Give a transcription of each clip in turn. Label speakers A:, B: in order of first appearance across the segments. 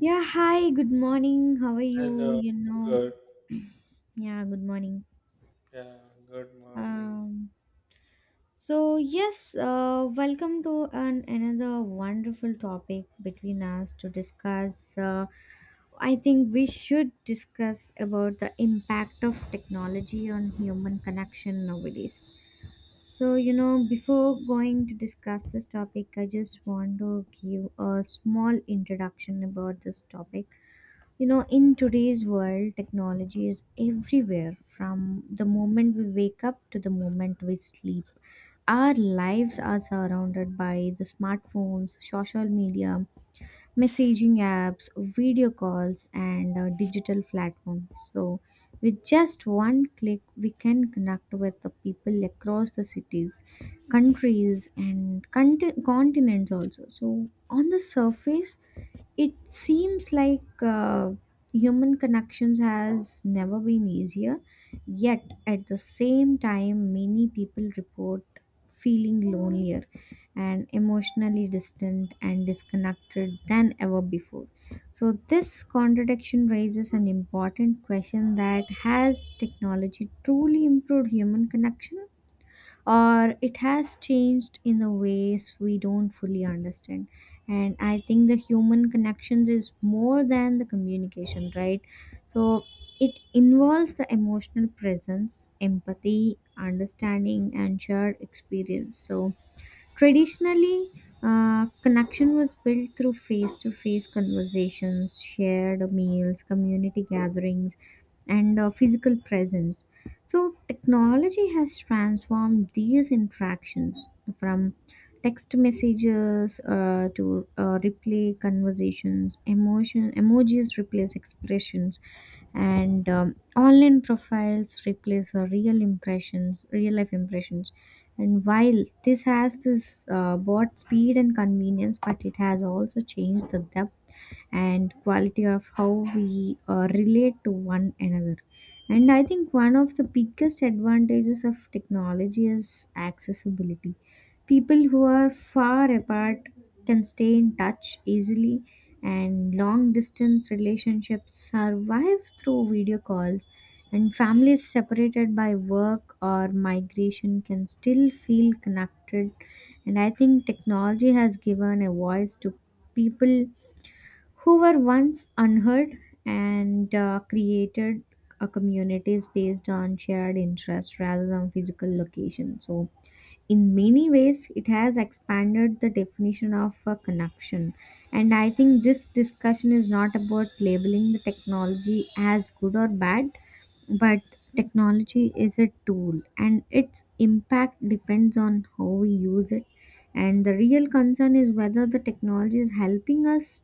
A: Yeah, hi, good morning. How are you?
B: Hello, good,
A: Yeah, good morning.
B: yeah, good morning.
A: Um, so yes, welcome to an another wonderful topic between us to discuss. I think we should discuss about the impact of technology on human connection nowadays. So, before going to discuss this topic, I just want to give a small introduction about this topic. You know, in today's world, technology is everywhere from the moment we wake up to the moment we sleep. Our lives are surrounded by the smartphones, social media, messaging apps, video calls, and digital platforms. So, with just one click, we can connect with the people across the cities, countries, and continents also. So, on the surface, it seems like human connections has never been easier, yet at the same time, many people report feeling lonelier and emotionally distant and disconnected than ever before. So this contradiction raises an important question: that has technology truly improved human connection, or it has changed in the ways we don't fully understand? And I think the human connections is more than the communication, right? So it involves the emotional presence, empathy, understanding, and shared experience. So traditionally, connection was built through face to face conversations, shared meals, community gatherings, and physical presence. So, technology has transformed these interactions from text messages to replay conversations, emotion emojis replace expressions, and online profiles replace our real impressions, real life impressions. And while this bought speed and convenience, but it has also changed the depth and quality of how we relate to one another. And I think one of the biggest advantages of technology is accessibility. People who are far apart can stay in touch easily, and long distance relationships survive through video calls. And families separated by work or migration can still feel connected. And I think technology has given a voice to people who were once unheard, and created a communities based on shared interests rather than physical location. So, in many ways it has expanded the definition of a connection. And I think this discussion is not about labeling the technology as good or bad, but technology is a tool and its impact depends on how we use it. And the real concern is whether the technology is helping us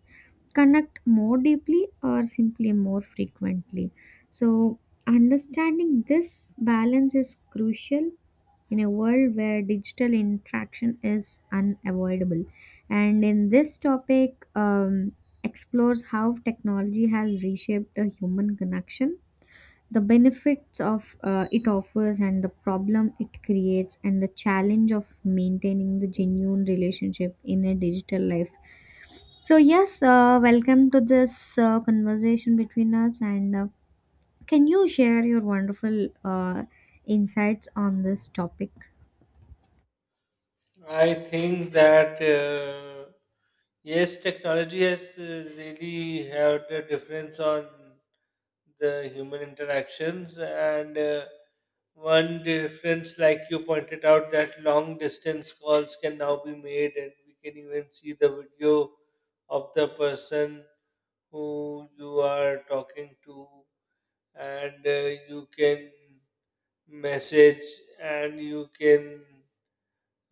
A: connect more deeply or simply more frequently. So understanding this balance is crucial in a world where digital interaction is unavoidable. And in this topic, explores how technology has reshaped the human connection, the benefits of it offers, and the problem it creates, and the challenge of maintaining the genuine relationship in a digital life. So yes, welcome to this conversation between us, and can you share your wonderful insights on this topic?
B: I think that yes, technology has really had a difference on the human interactions, and one difference, like you pointed out, that long distance calls can now be made, and we can even see the video of the person who you are talking to, and you can message and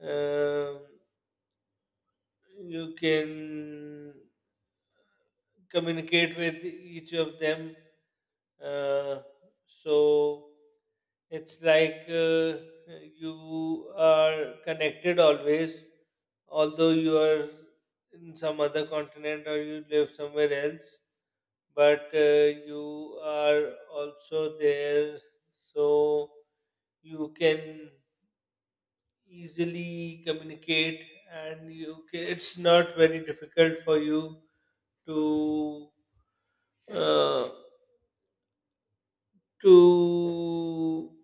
B: um you can communicate with each of them uh, so it's like you are connected always although you are in some other continent or you live somewhere else but you are also there so you can easily communicate and you ca it's not very difficult for you to uh, to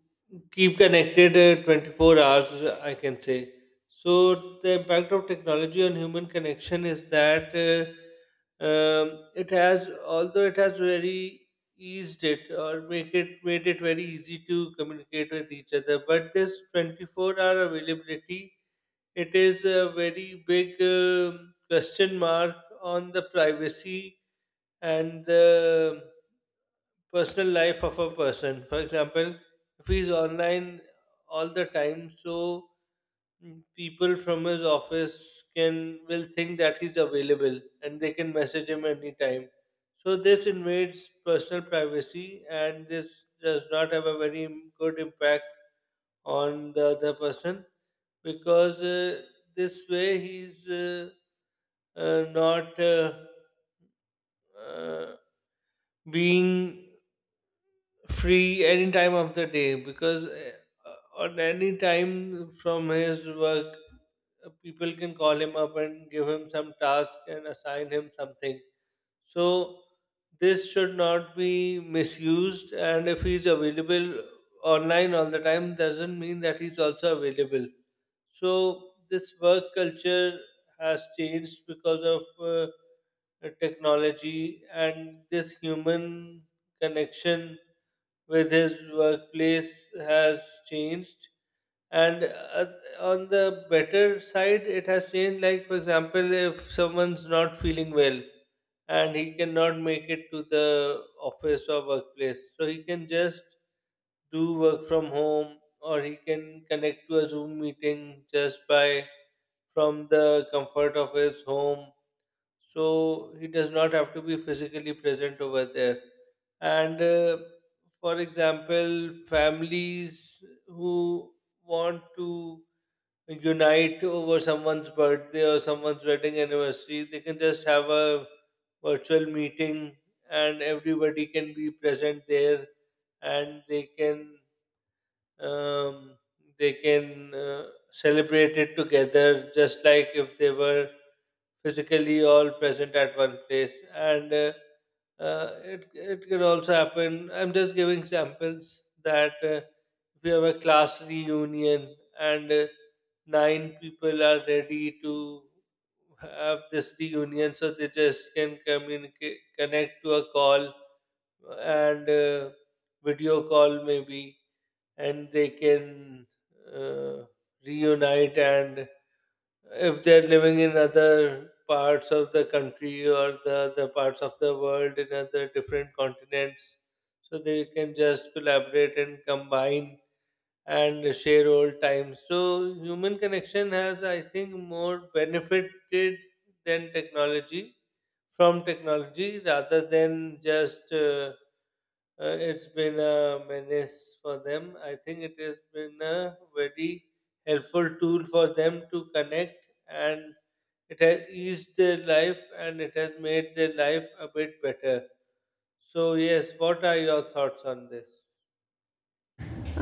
B: keep connected 24 hours I can say. So the impact of technology on human connection is that um, it has although it has very eased it or make it made it very easy to communicate with each other, but this 24-hour availability, it is a very big question mark on the privacy and the personal life of a person. For example, if he's online all the time, so people from his office can will think that he's available and they can message him anytime. So this invades personal privacy and this does not have a very good impact on the other person because this way he's not uh, being free any time of the day because on any time from his work, people can call him up and give him some task and assign him something. So this should not be misused. And if he's available online all the time, doesn't mean that he's also available. So this work culture has changed because of technology, and this human connection with his workplace has changed. And on the better side, it has changed. Like, for example, if someone's not feeling well and he cannot make it to the office or workplace, so he can just do work from home or he can connect to a Zoom meeting just by from the comfort of his home. So he does not have to be physically present over there. And for example, families who want to unite over someone's birthday or someone's wedding anniversary, they can just have a virtual meeting and everybody can be present there, and they can um, they can celebrate it together just like if they were physically all present at one place. And it can also happen, I'm just giving examples, that if you have a class reunion and nine people are ready to have this reunion, so they just can communicate connect to a call and video call maybe, and they can uh, reunite. And if they're living in other parts of the country or the other parts of the world in other different continents, so they can just collaborate and combine and share old times. So human connection has, I think, more benefited than technology from technology, rather than just it's been a menace for them. I think it has been a very helpful tool for them to connect, and it has eased their life and it has made their life a bit better. So yes, what are your thoughts on this?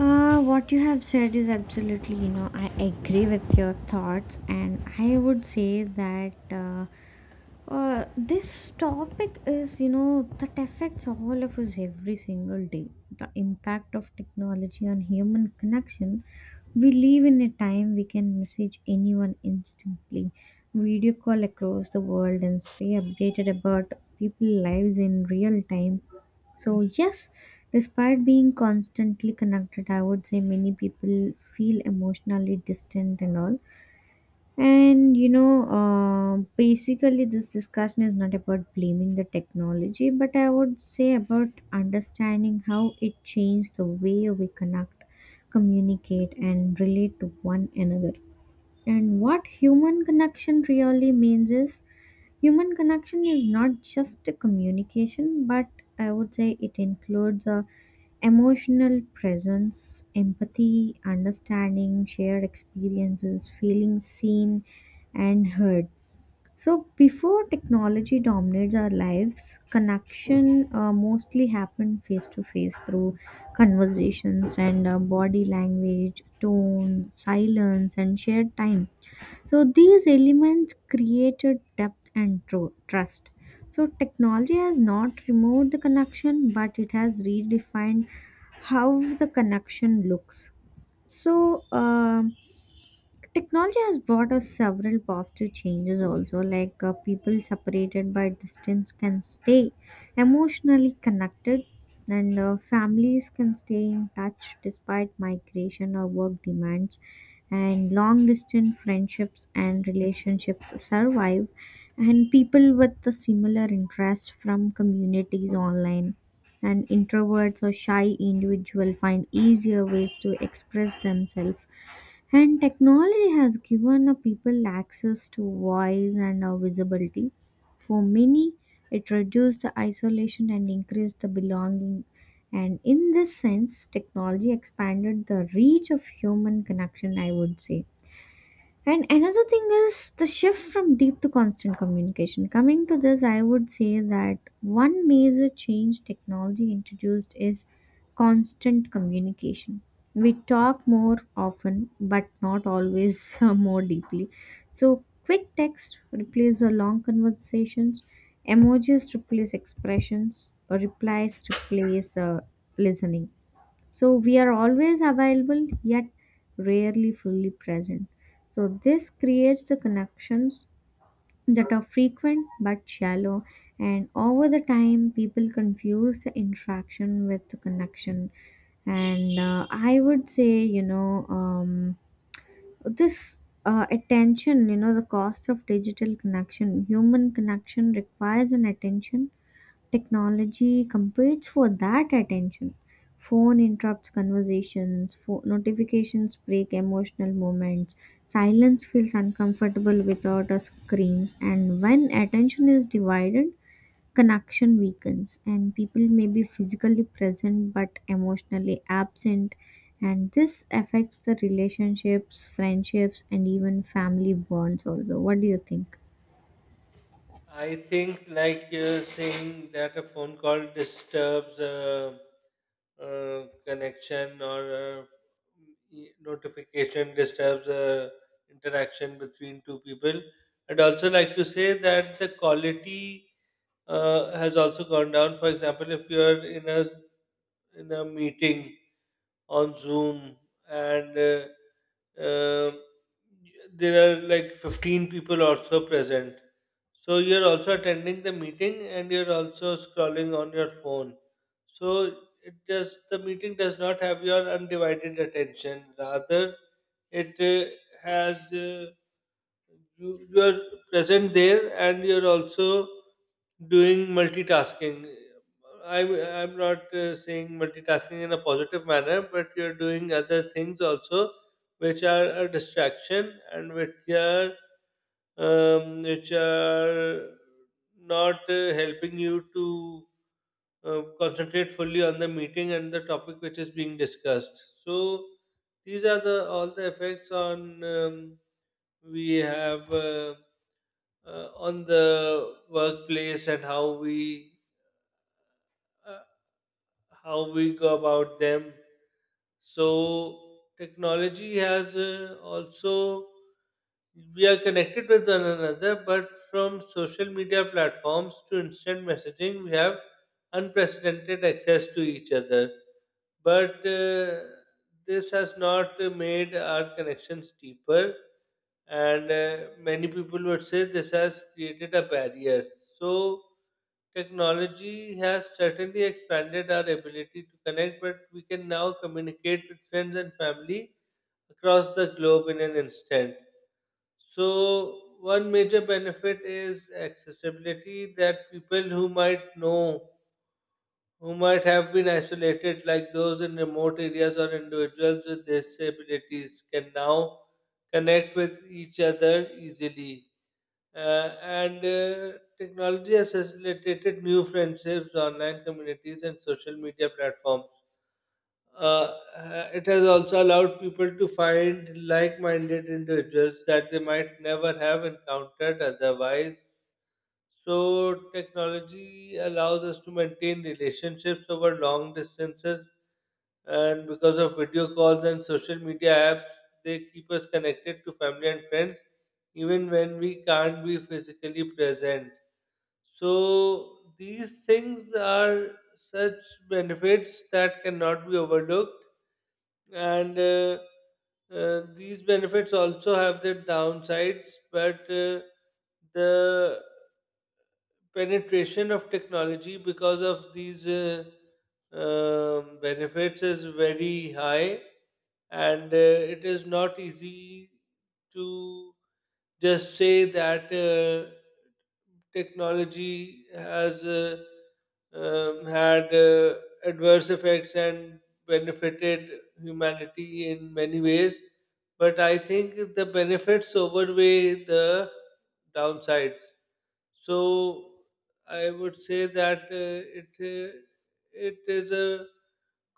A: What you have said is absolutely, you know, I agree with your thoughts, and I would say that. This topic is, you know, that affects all of us every single day. The impact of technology on human connection. We live in a time we can message anyone instantly, video call across the world, and stay updated about people's lives in real time. So, yes, despite being constantly connected, I would say many people feel emotionally distant and all. And you know, basically, this discussion is not about blaming the technology, but I would say about understanding how it changed the way we connect, communicate, and relate to one another. And what human connection really means is human connection is not just a communication, but I would say it includes a emotional presence, empathy, understanding, shared experiences, feeling seen and heard. So, before technology dominates our lives, connection mostly happened face to face through conversations and body language, tone, silence, and shared time. So these elements created depth and trust. So technology has not removed the connection, but it has redefined how the connection looks. So. um Technology has brought us several positive changes also, like people separated by distance can stay emotionally connected, and families can stay in touch despite migration or work demands, and long distance friendships and relationships survive, and people with the similar interests from communities online, and introverts or shy individuals find easier ways to express themselves. And technology has given a people access to voice and visibility. For many, it reduced the isolation and increased the belonging. And in this sense, technology expanded the reach of human connection, I would say. And another thing is the shift from deep to constant communication. Coming to this, I would say that one major change technology introduced is constant communication. We talk more often, but not always more deeply. So, quick text replaces the long conversations, emojis replace expressions, replies replace listening. So we are always available yet rarely fully present. So this creates the connections that are frequent but shallow, and over the time people confuse the interaction with the connection. And I would say, this attention, you know, the cost of digital connection, human connection requires an attention. Technology competes for that attention. Phone interrupts conversations, notifications break emotional moments, silence feels uncomfortable without a screens, and when attention is divided, connection weakens, and people may be physically present but emotionally absent, and this affects the relationships, friendships, and even family bonds. Also, what do you think?
B: I think, like you're saying, that a phone call disturbs a, connection, or a notification disturbs a interaction between two people. I'd also like to say that the quality has also gone down. For example, if you're in a meeting on Zoom, and uh, there are like 15 people also present. So you're also attending the meeting and you're also scrolling on your phone. So it does the meeting does not have your undivided attention. Rather, it has you are present there, and you're also doing multitasking. I'm i'm not saying multitasking in a positive manner, but you're doing other things also which are a distraction and which are not helping you to concentrate fully on the meeting and the topic which is being discussed. So these are the all the effects on um, we have on the workplace and uh, how we go about them. So technology has also, we are connected with one another, but from social media platforms to instant messaging we have unprecedented access to each other, but this has not made our connections deeper, and many people would say this has created a barrier. So, technology has certainly expanded our ability to connect, but we can now communicate with friends and family across the globe in an instant. So, one major benefit is accessibility, that people who might know who might have been isolated, like those in remote areas or individuals with disabilities, can now connect with each other easily. And Technology has facilitated new friendships, online communities, and social media platforms. It has also allowed people to find like minded individuals that they might never have encountered otherwise. So technology allows us to maintain relationships over long distances, and because of video calls and social media apps, they keep us connected to family and friends, even when we can't be physically present. So these things are such benefits that cannot be overlooked. And these benefits also have their downsides, but the penetration of technology because of these benefits is very high, and it is not easy to just say that technology has had adverse effects and benefited humanity in many ways. But I think the benefits outweigh the downsides. So I would say that it is a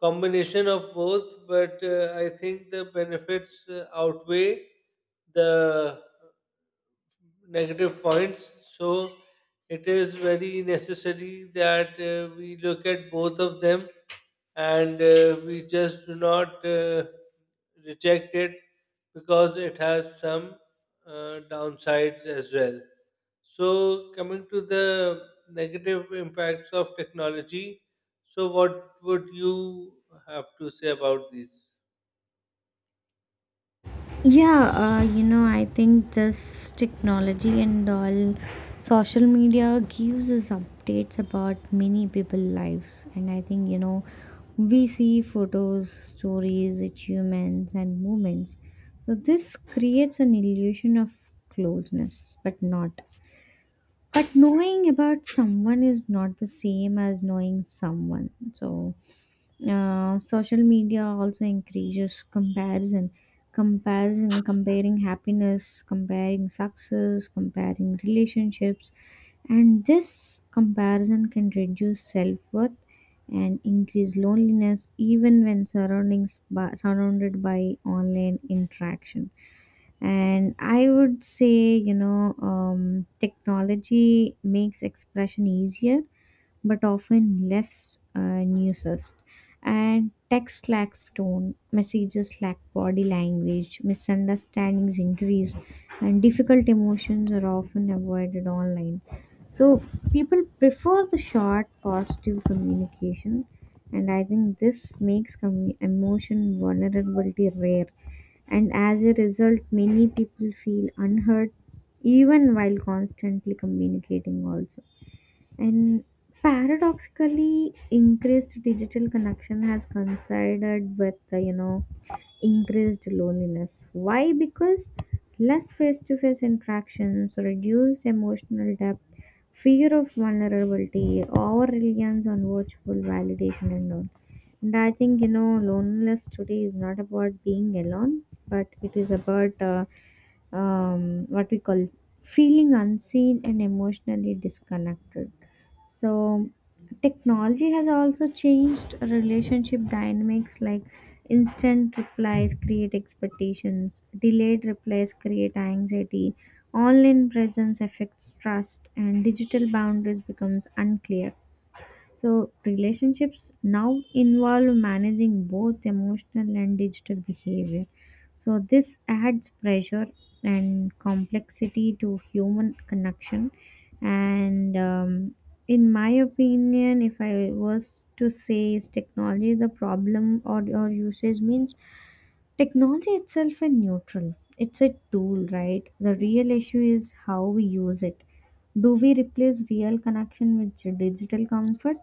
B: combination of both, but I think the benefits outweigh the negative points. So it is very necessary that we look at both of them, and we just do not reject it because it has some downsides as well. So, coming to the negative impacts of technology, so what would you have to say about these?
A: Yeah, you know, I think this technology and all social media gives us updates about many people lives, and I think we see photos, stories, achievements and movements. So this creates an illusion of closeness, but not. But knowing about someone is not the same as knowing someone. So social media also encourages comparison, comparing happiness, comparing success, comparing relationships. And this comparison can reduce self-worth and increase loneliness even when surrounded by online interaction. And I would say, technology makes expression easier but often less and used. And text lacks tone, messages lack body language, misunderstandings increase, and difficult emotions are often avoided online. So people prefer the short, positive communication, and I think this makes emotion vulnerability rare. And as a result, many people feel unheard even while constantly communicating, also. And paradoxically, increased digital connection has coincided with, increased loneliness. Why? Because less face to face interactions, reduced emotional depth, fear of vulnerability, or reliance on virtual validation and all. And I think, you know, loneliness today is not about being alone, but it is about what we call feeling unseen and emotionally disconnected. So, technology has also changed relationship dynamics, like instant replies create expectations, delayed replies create anxiety, online presence affects trust, and digital boundaries becomes unclear. So, relationships now involve managing both emotional and digital behavior. So, this adds pressure and complexity to human connection. And in my opinion, if I was to say, is technology the problem or usage means? Technology itself is neutral. It's a tool, right? The real issue is how we use it. Do we replace real connection with digital comfort?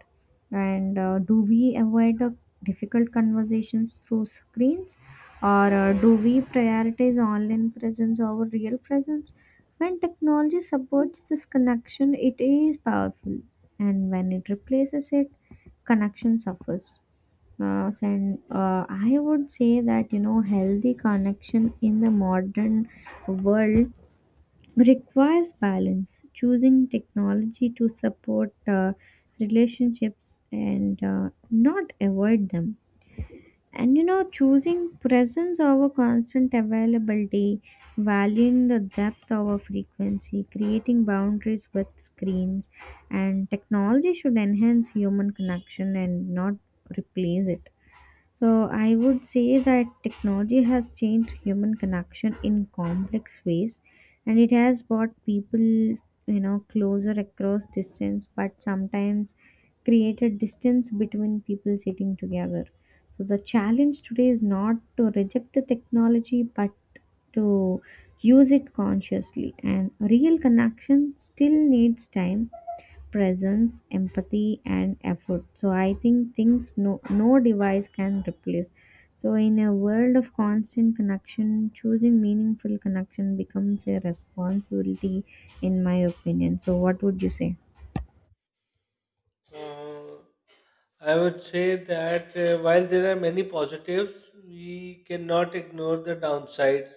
A: And do we avoid the difficult conversations through screens? Or do we prioritize online presence over real presence? When technology supports this connection, it is powerful. And when it replaces it, connection suffers. And I would say that, you know, healthy connection in the modern world requires balance. Choosing technology to support relationships and not avoid them. And you know, choosing presence over constant availability, valuing the depth over frequency, creating boundaries with screens, and technology should enhance human connection and not replace it. So I would say that technology has changed human connection in complex ways, and it has brought people, you know, closer across distance but sometimes created distance between people sitting together. So the challenge today is not to reject the technology but to use it consciously, and real connection still needs time, presence, empathy, and effort. So I think things no device can replace. So in a world of constant connection, choosing meaningful connection becomes a responsibility, in my opinion. So what would you say?
B: Uh, I would say that while there are many positives, we cannot ignore the downsides.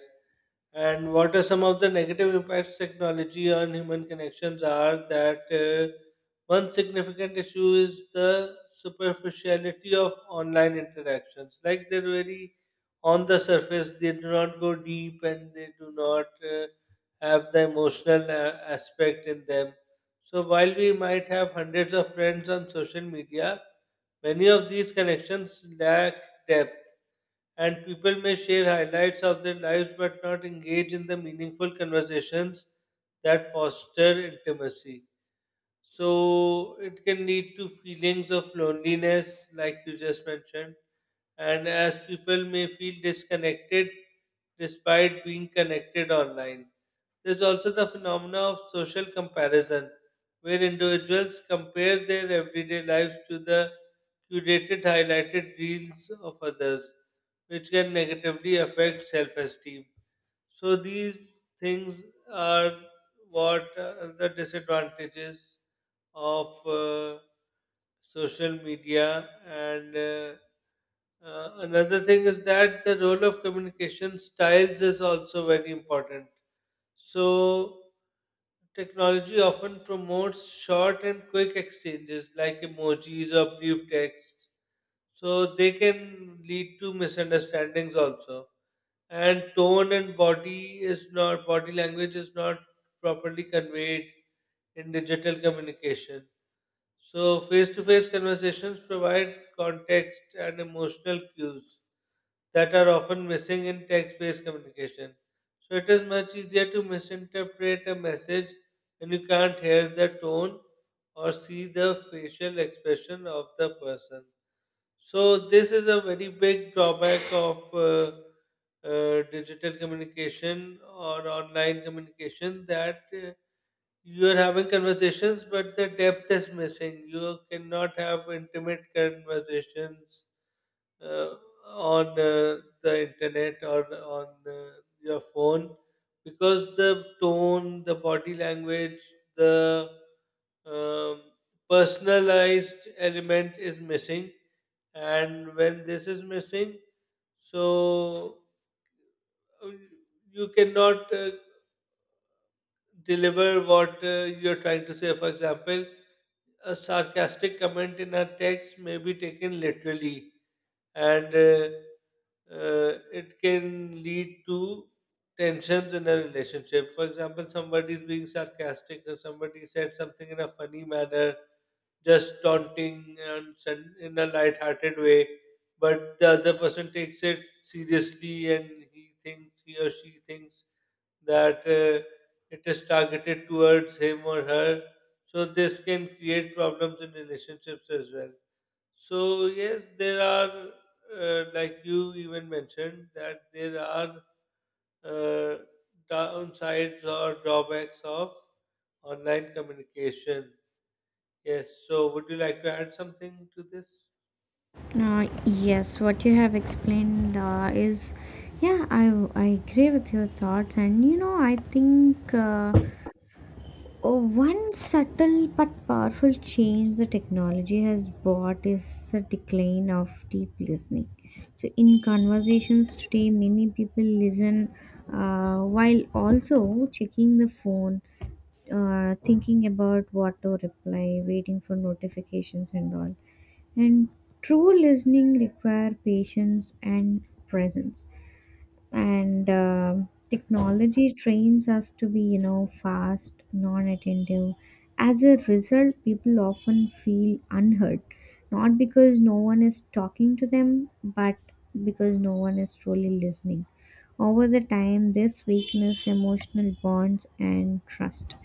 B: And what are some of the negative impacts technology on human connections are that one significant issue is the superficiality of online interactions. Like, they're very on the surface, they do not go deep and they do not have the emotional aspect in them. So while we might have hundreds of friends on social media, many of these connections lack depth, and people may share highlights of their lives but not engage in the meaningful conversations that foster intimacy. So it can lead to feelings of loneliness, like you just mentioned, and as people may feel disconnected despite being connected online. There's also the phenomena of social comparison, where individuals compare their everyday lives to the curated, highlighted reels of others, which can negatively affect self esteem. So these things are what are the disadvantages of social media. And another thing is that the role of communication styles is also very important. So technology often promotes short and quick exchanges like emojis or brief text, so they can lead to misunderstandings also. And tone and body is not body language is not properly conveyed in digital communication. So face to face conversations provide context and emotional cues that are often missing in text based communication. So it is much easier to misinterpret a message when you can't hear the tone or see the facial expression of the person. So this is a very big drawback of digital communication or online communication, that you are having conversations, but the depth is missing. You cannot have intimate conversations uh, on the internet or on your phone, because the tone, the body language, the um, personalized element is missing. And when this is missing, so uh, you cannot deliver what you're trying to say. For example, a sarcastic comment in a text may be taken literally, and it can lead to tensions in a relationship. For example, somebody is being sarcastic, or somebody said something in a funny manner, just taunting and in a light-hearted way, but the other person takes it seriously, and he or she thinks that it is targeted towards him or her. So this can create problems in relationships as well. So yes, there are like you even mentioned, that there are uh, downsides or drawbacks of online communication. Yes. So would you like to add something to this?
A: Yes, what you have explained yeah, I agree with your thoughts, and you know, I think oh, one subtle but powerful change the technology has brought is the decline of deep listening. So, in conversations today, many people listen while also checking the phone, thinking about what to reply, waiting for notifications, and all. And true listening require patience and presence. And technology trains us to be, you know, fast, non-attentive. As a result, people often feel unheard, not because no one is talking to them but because no one is truly listening. Over the time this weakness emotional bonds and trust.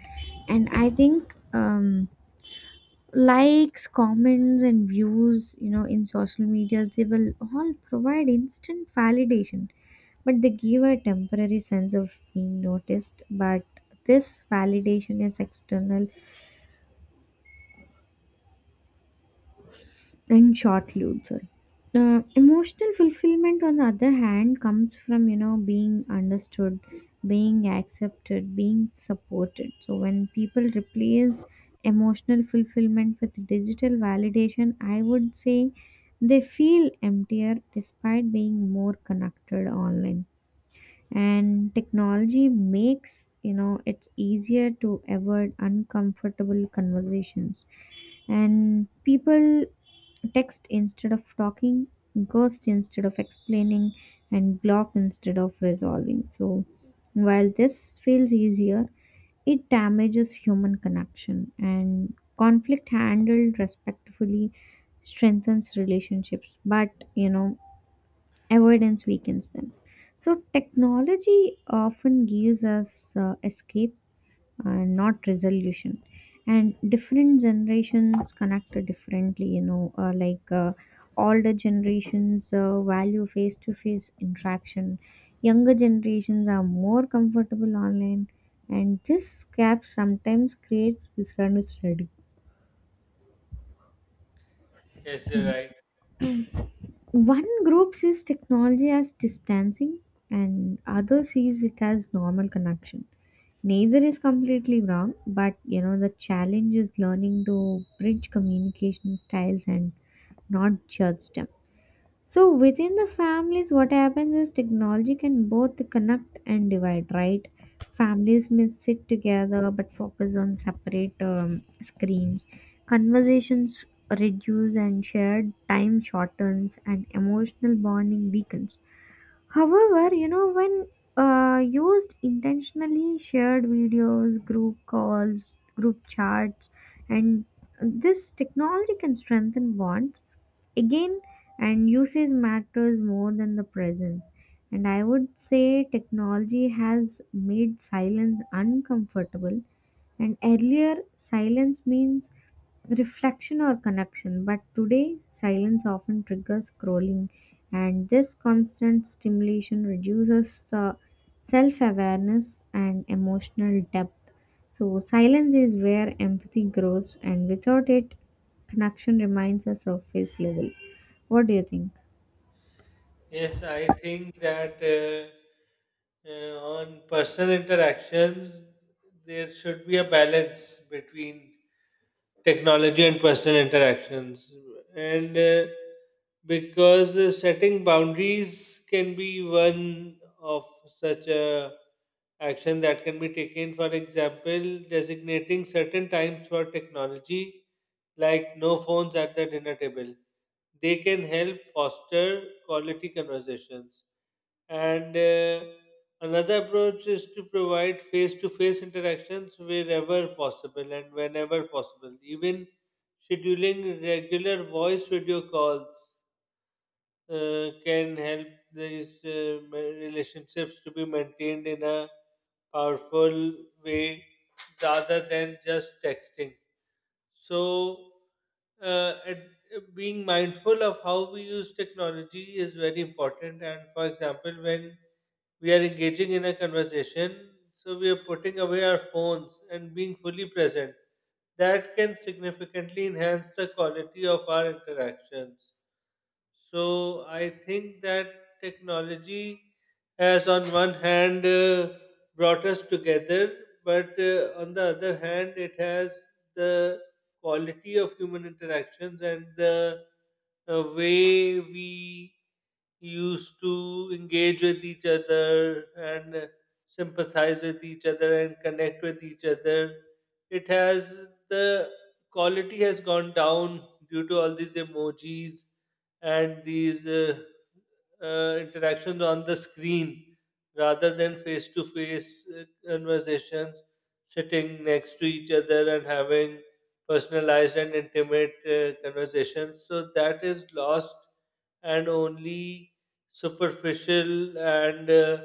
A: And I think, likes, comments and views, you know, in social medias, they will all provide instant validation, but they give a temporary sense of being noticed. But this validation is external and short lived. Sorry, emotional fulfillment on the other hand comes from, you know, being understood, being accepted, being supported. So when people replace emotional fulfillment with digital validation, I would say they feel emptier despite being more connected online. And technology makes, you know, it's easier to avoid uncomfortable conversations, and people text instead of talking, ghost instead of explaining, and block instead of resolving. So, while this feels easier, it damages human connection, and conflict handled respectfully strengthens relationships, but you know, avoidance weakens them. So, technology often gives us escape and not resolution. And different generations connect differently, you know, like older generations value face to face interaction, younger generations are more comfortable online, and this gap sometimes creates misunderstanding.
B: Yes, you're right.
A: One group sees technology as distancing, and other sees it as normal connection. Neither is completely wrong, but you know the challenge is learning to bridge communication styles and not judge them. So within the families, what happens is technology can both connect and divide, right? Families may sit together but focus on separate screens. Conversations reduce and shared time shortens and emotional bonding weakens. However, you know, when used intentionally, shared videos, group calls, group chats, and this technology can strengthen bonds again, and usage matters more than the presence. And I would say technology has made silence uncomfortable. And earlier silence means reflection or connection. But today, silence often triggers scrolling, and this constant stimulation reduces self awareness and emotional depth. So, silence is where empathy grows, and without it, connection remains a surface level. What do you think?
B: Yes, I think that on personal interactions there should be a balance between technology and personal interactions. And because setting boundaries can be one of such a action that can be taken. For example, designating certain times for technology like no phones at the dinner table, they can help foster quality conversations. And another approach is to provide face to face interactions wherever possible and whenever possible. Even scheduling regular voice video calls can help these relationships to be maintained in a powerful way rather than just texting. So, uh, at, being mindful of how we use technology is very important. And for example, when we are engaging in a conversation, so we are putting away our phones and being fully present, that can significantly enhance the quality of our interactions. So I think that technology has, on one hand, brought us together, but on the other hand, it has the quality of human interactions and the way we used to engage with each other and sympathize with each other and connect with each other, it has the quality has gone down due to all these emojis and these interactions on the screen rather than face to face conversations, sitting next to each other and having personalized and intimate conversations. So that is lost, and only superficial and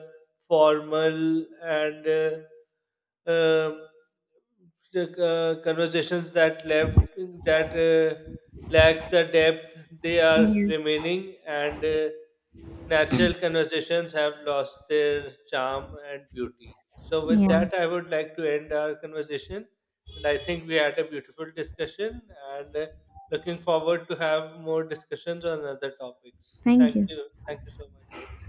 B: formal and uh, um, conversations that left that lack the depth they are
A: Yes.
B: remaining. And natural conversations have lost their charm and beauty. So with
A: Yeah,
B: that I would like to end our conversation, and I think we had a beautiful discussion, and looking forward to have more discussions on other topics.
A: thank
B: Thank
A: you.
B: you, thank you so much.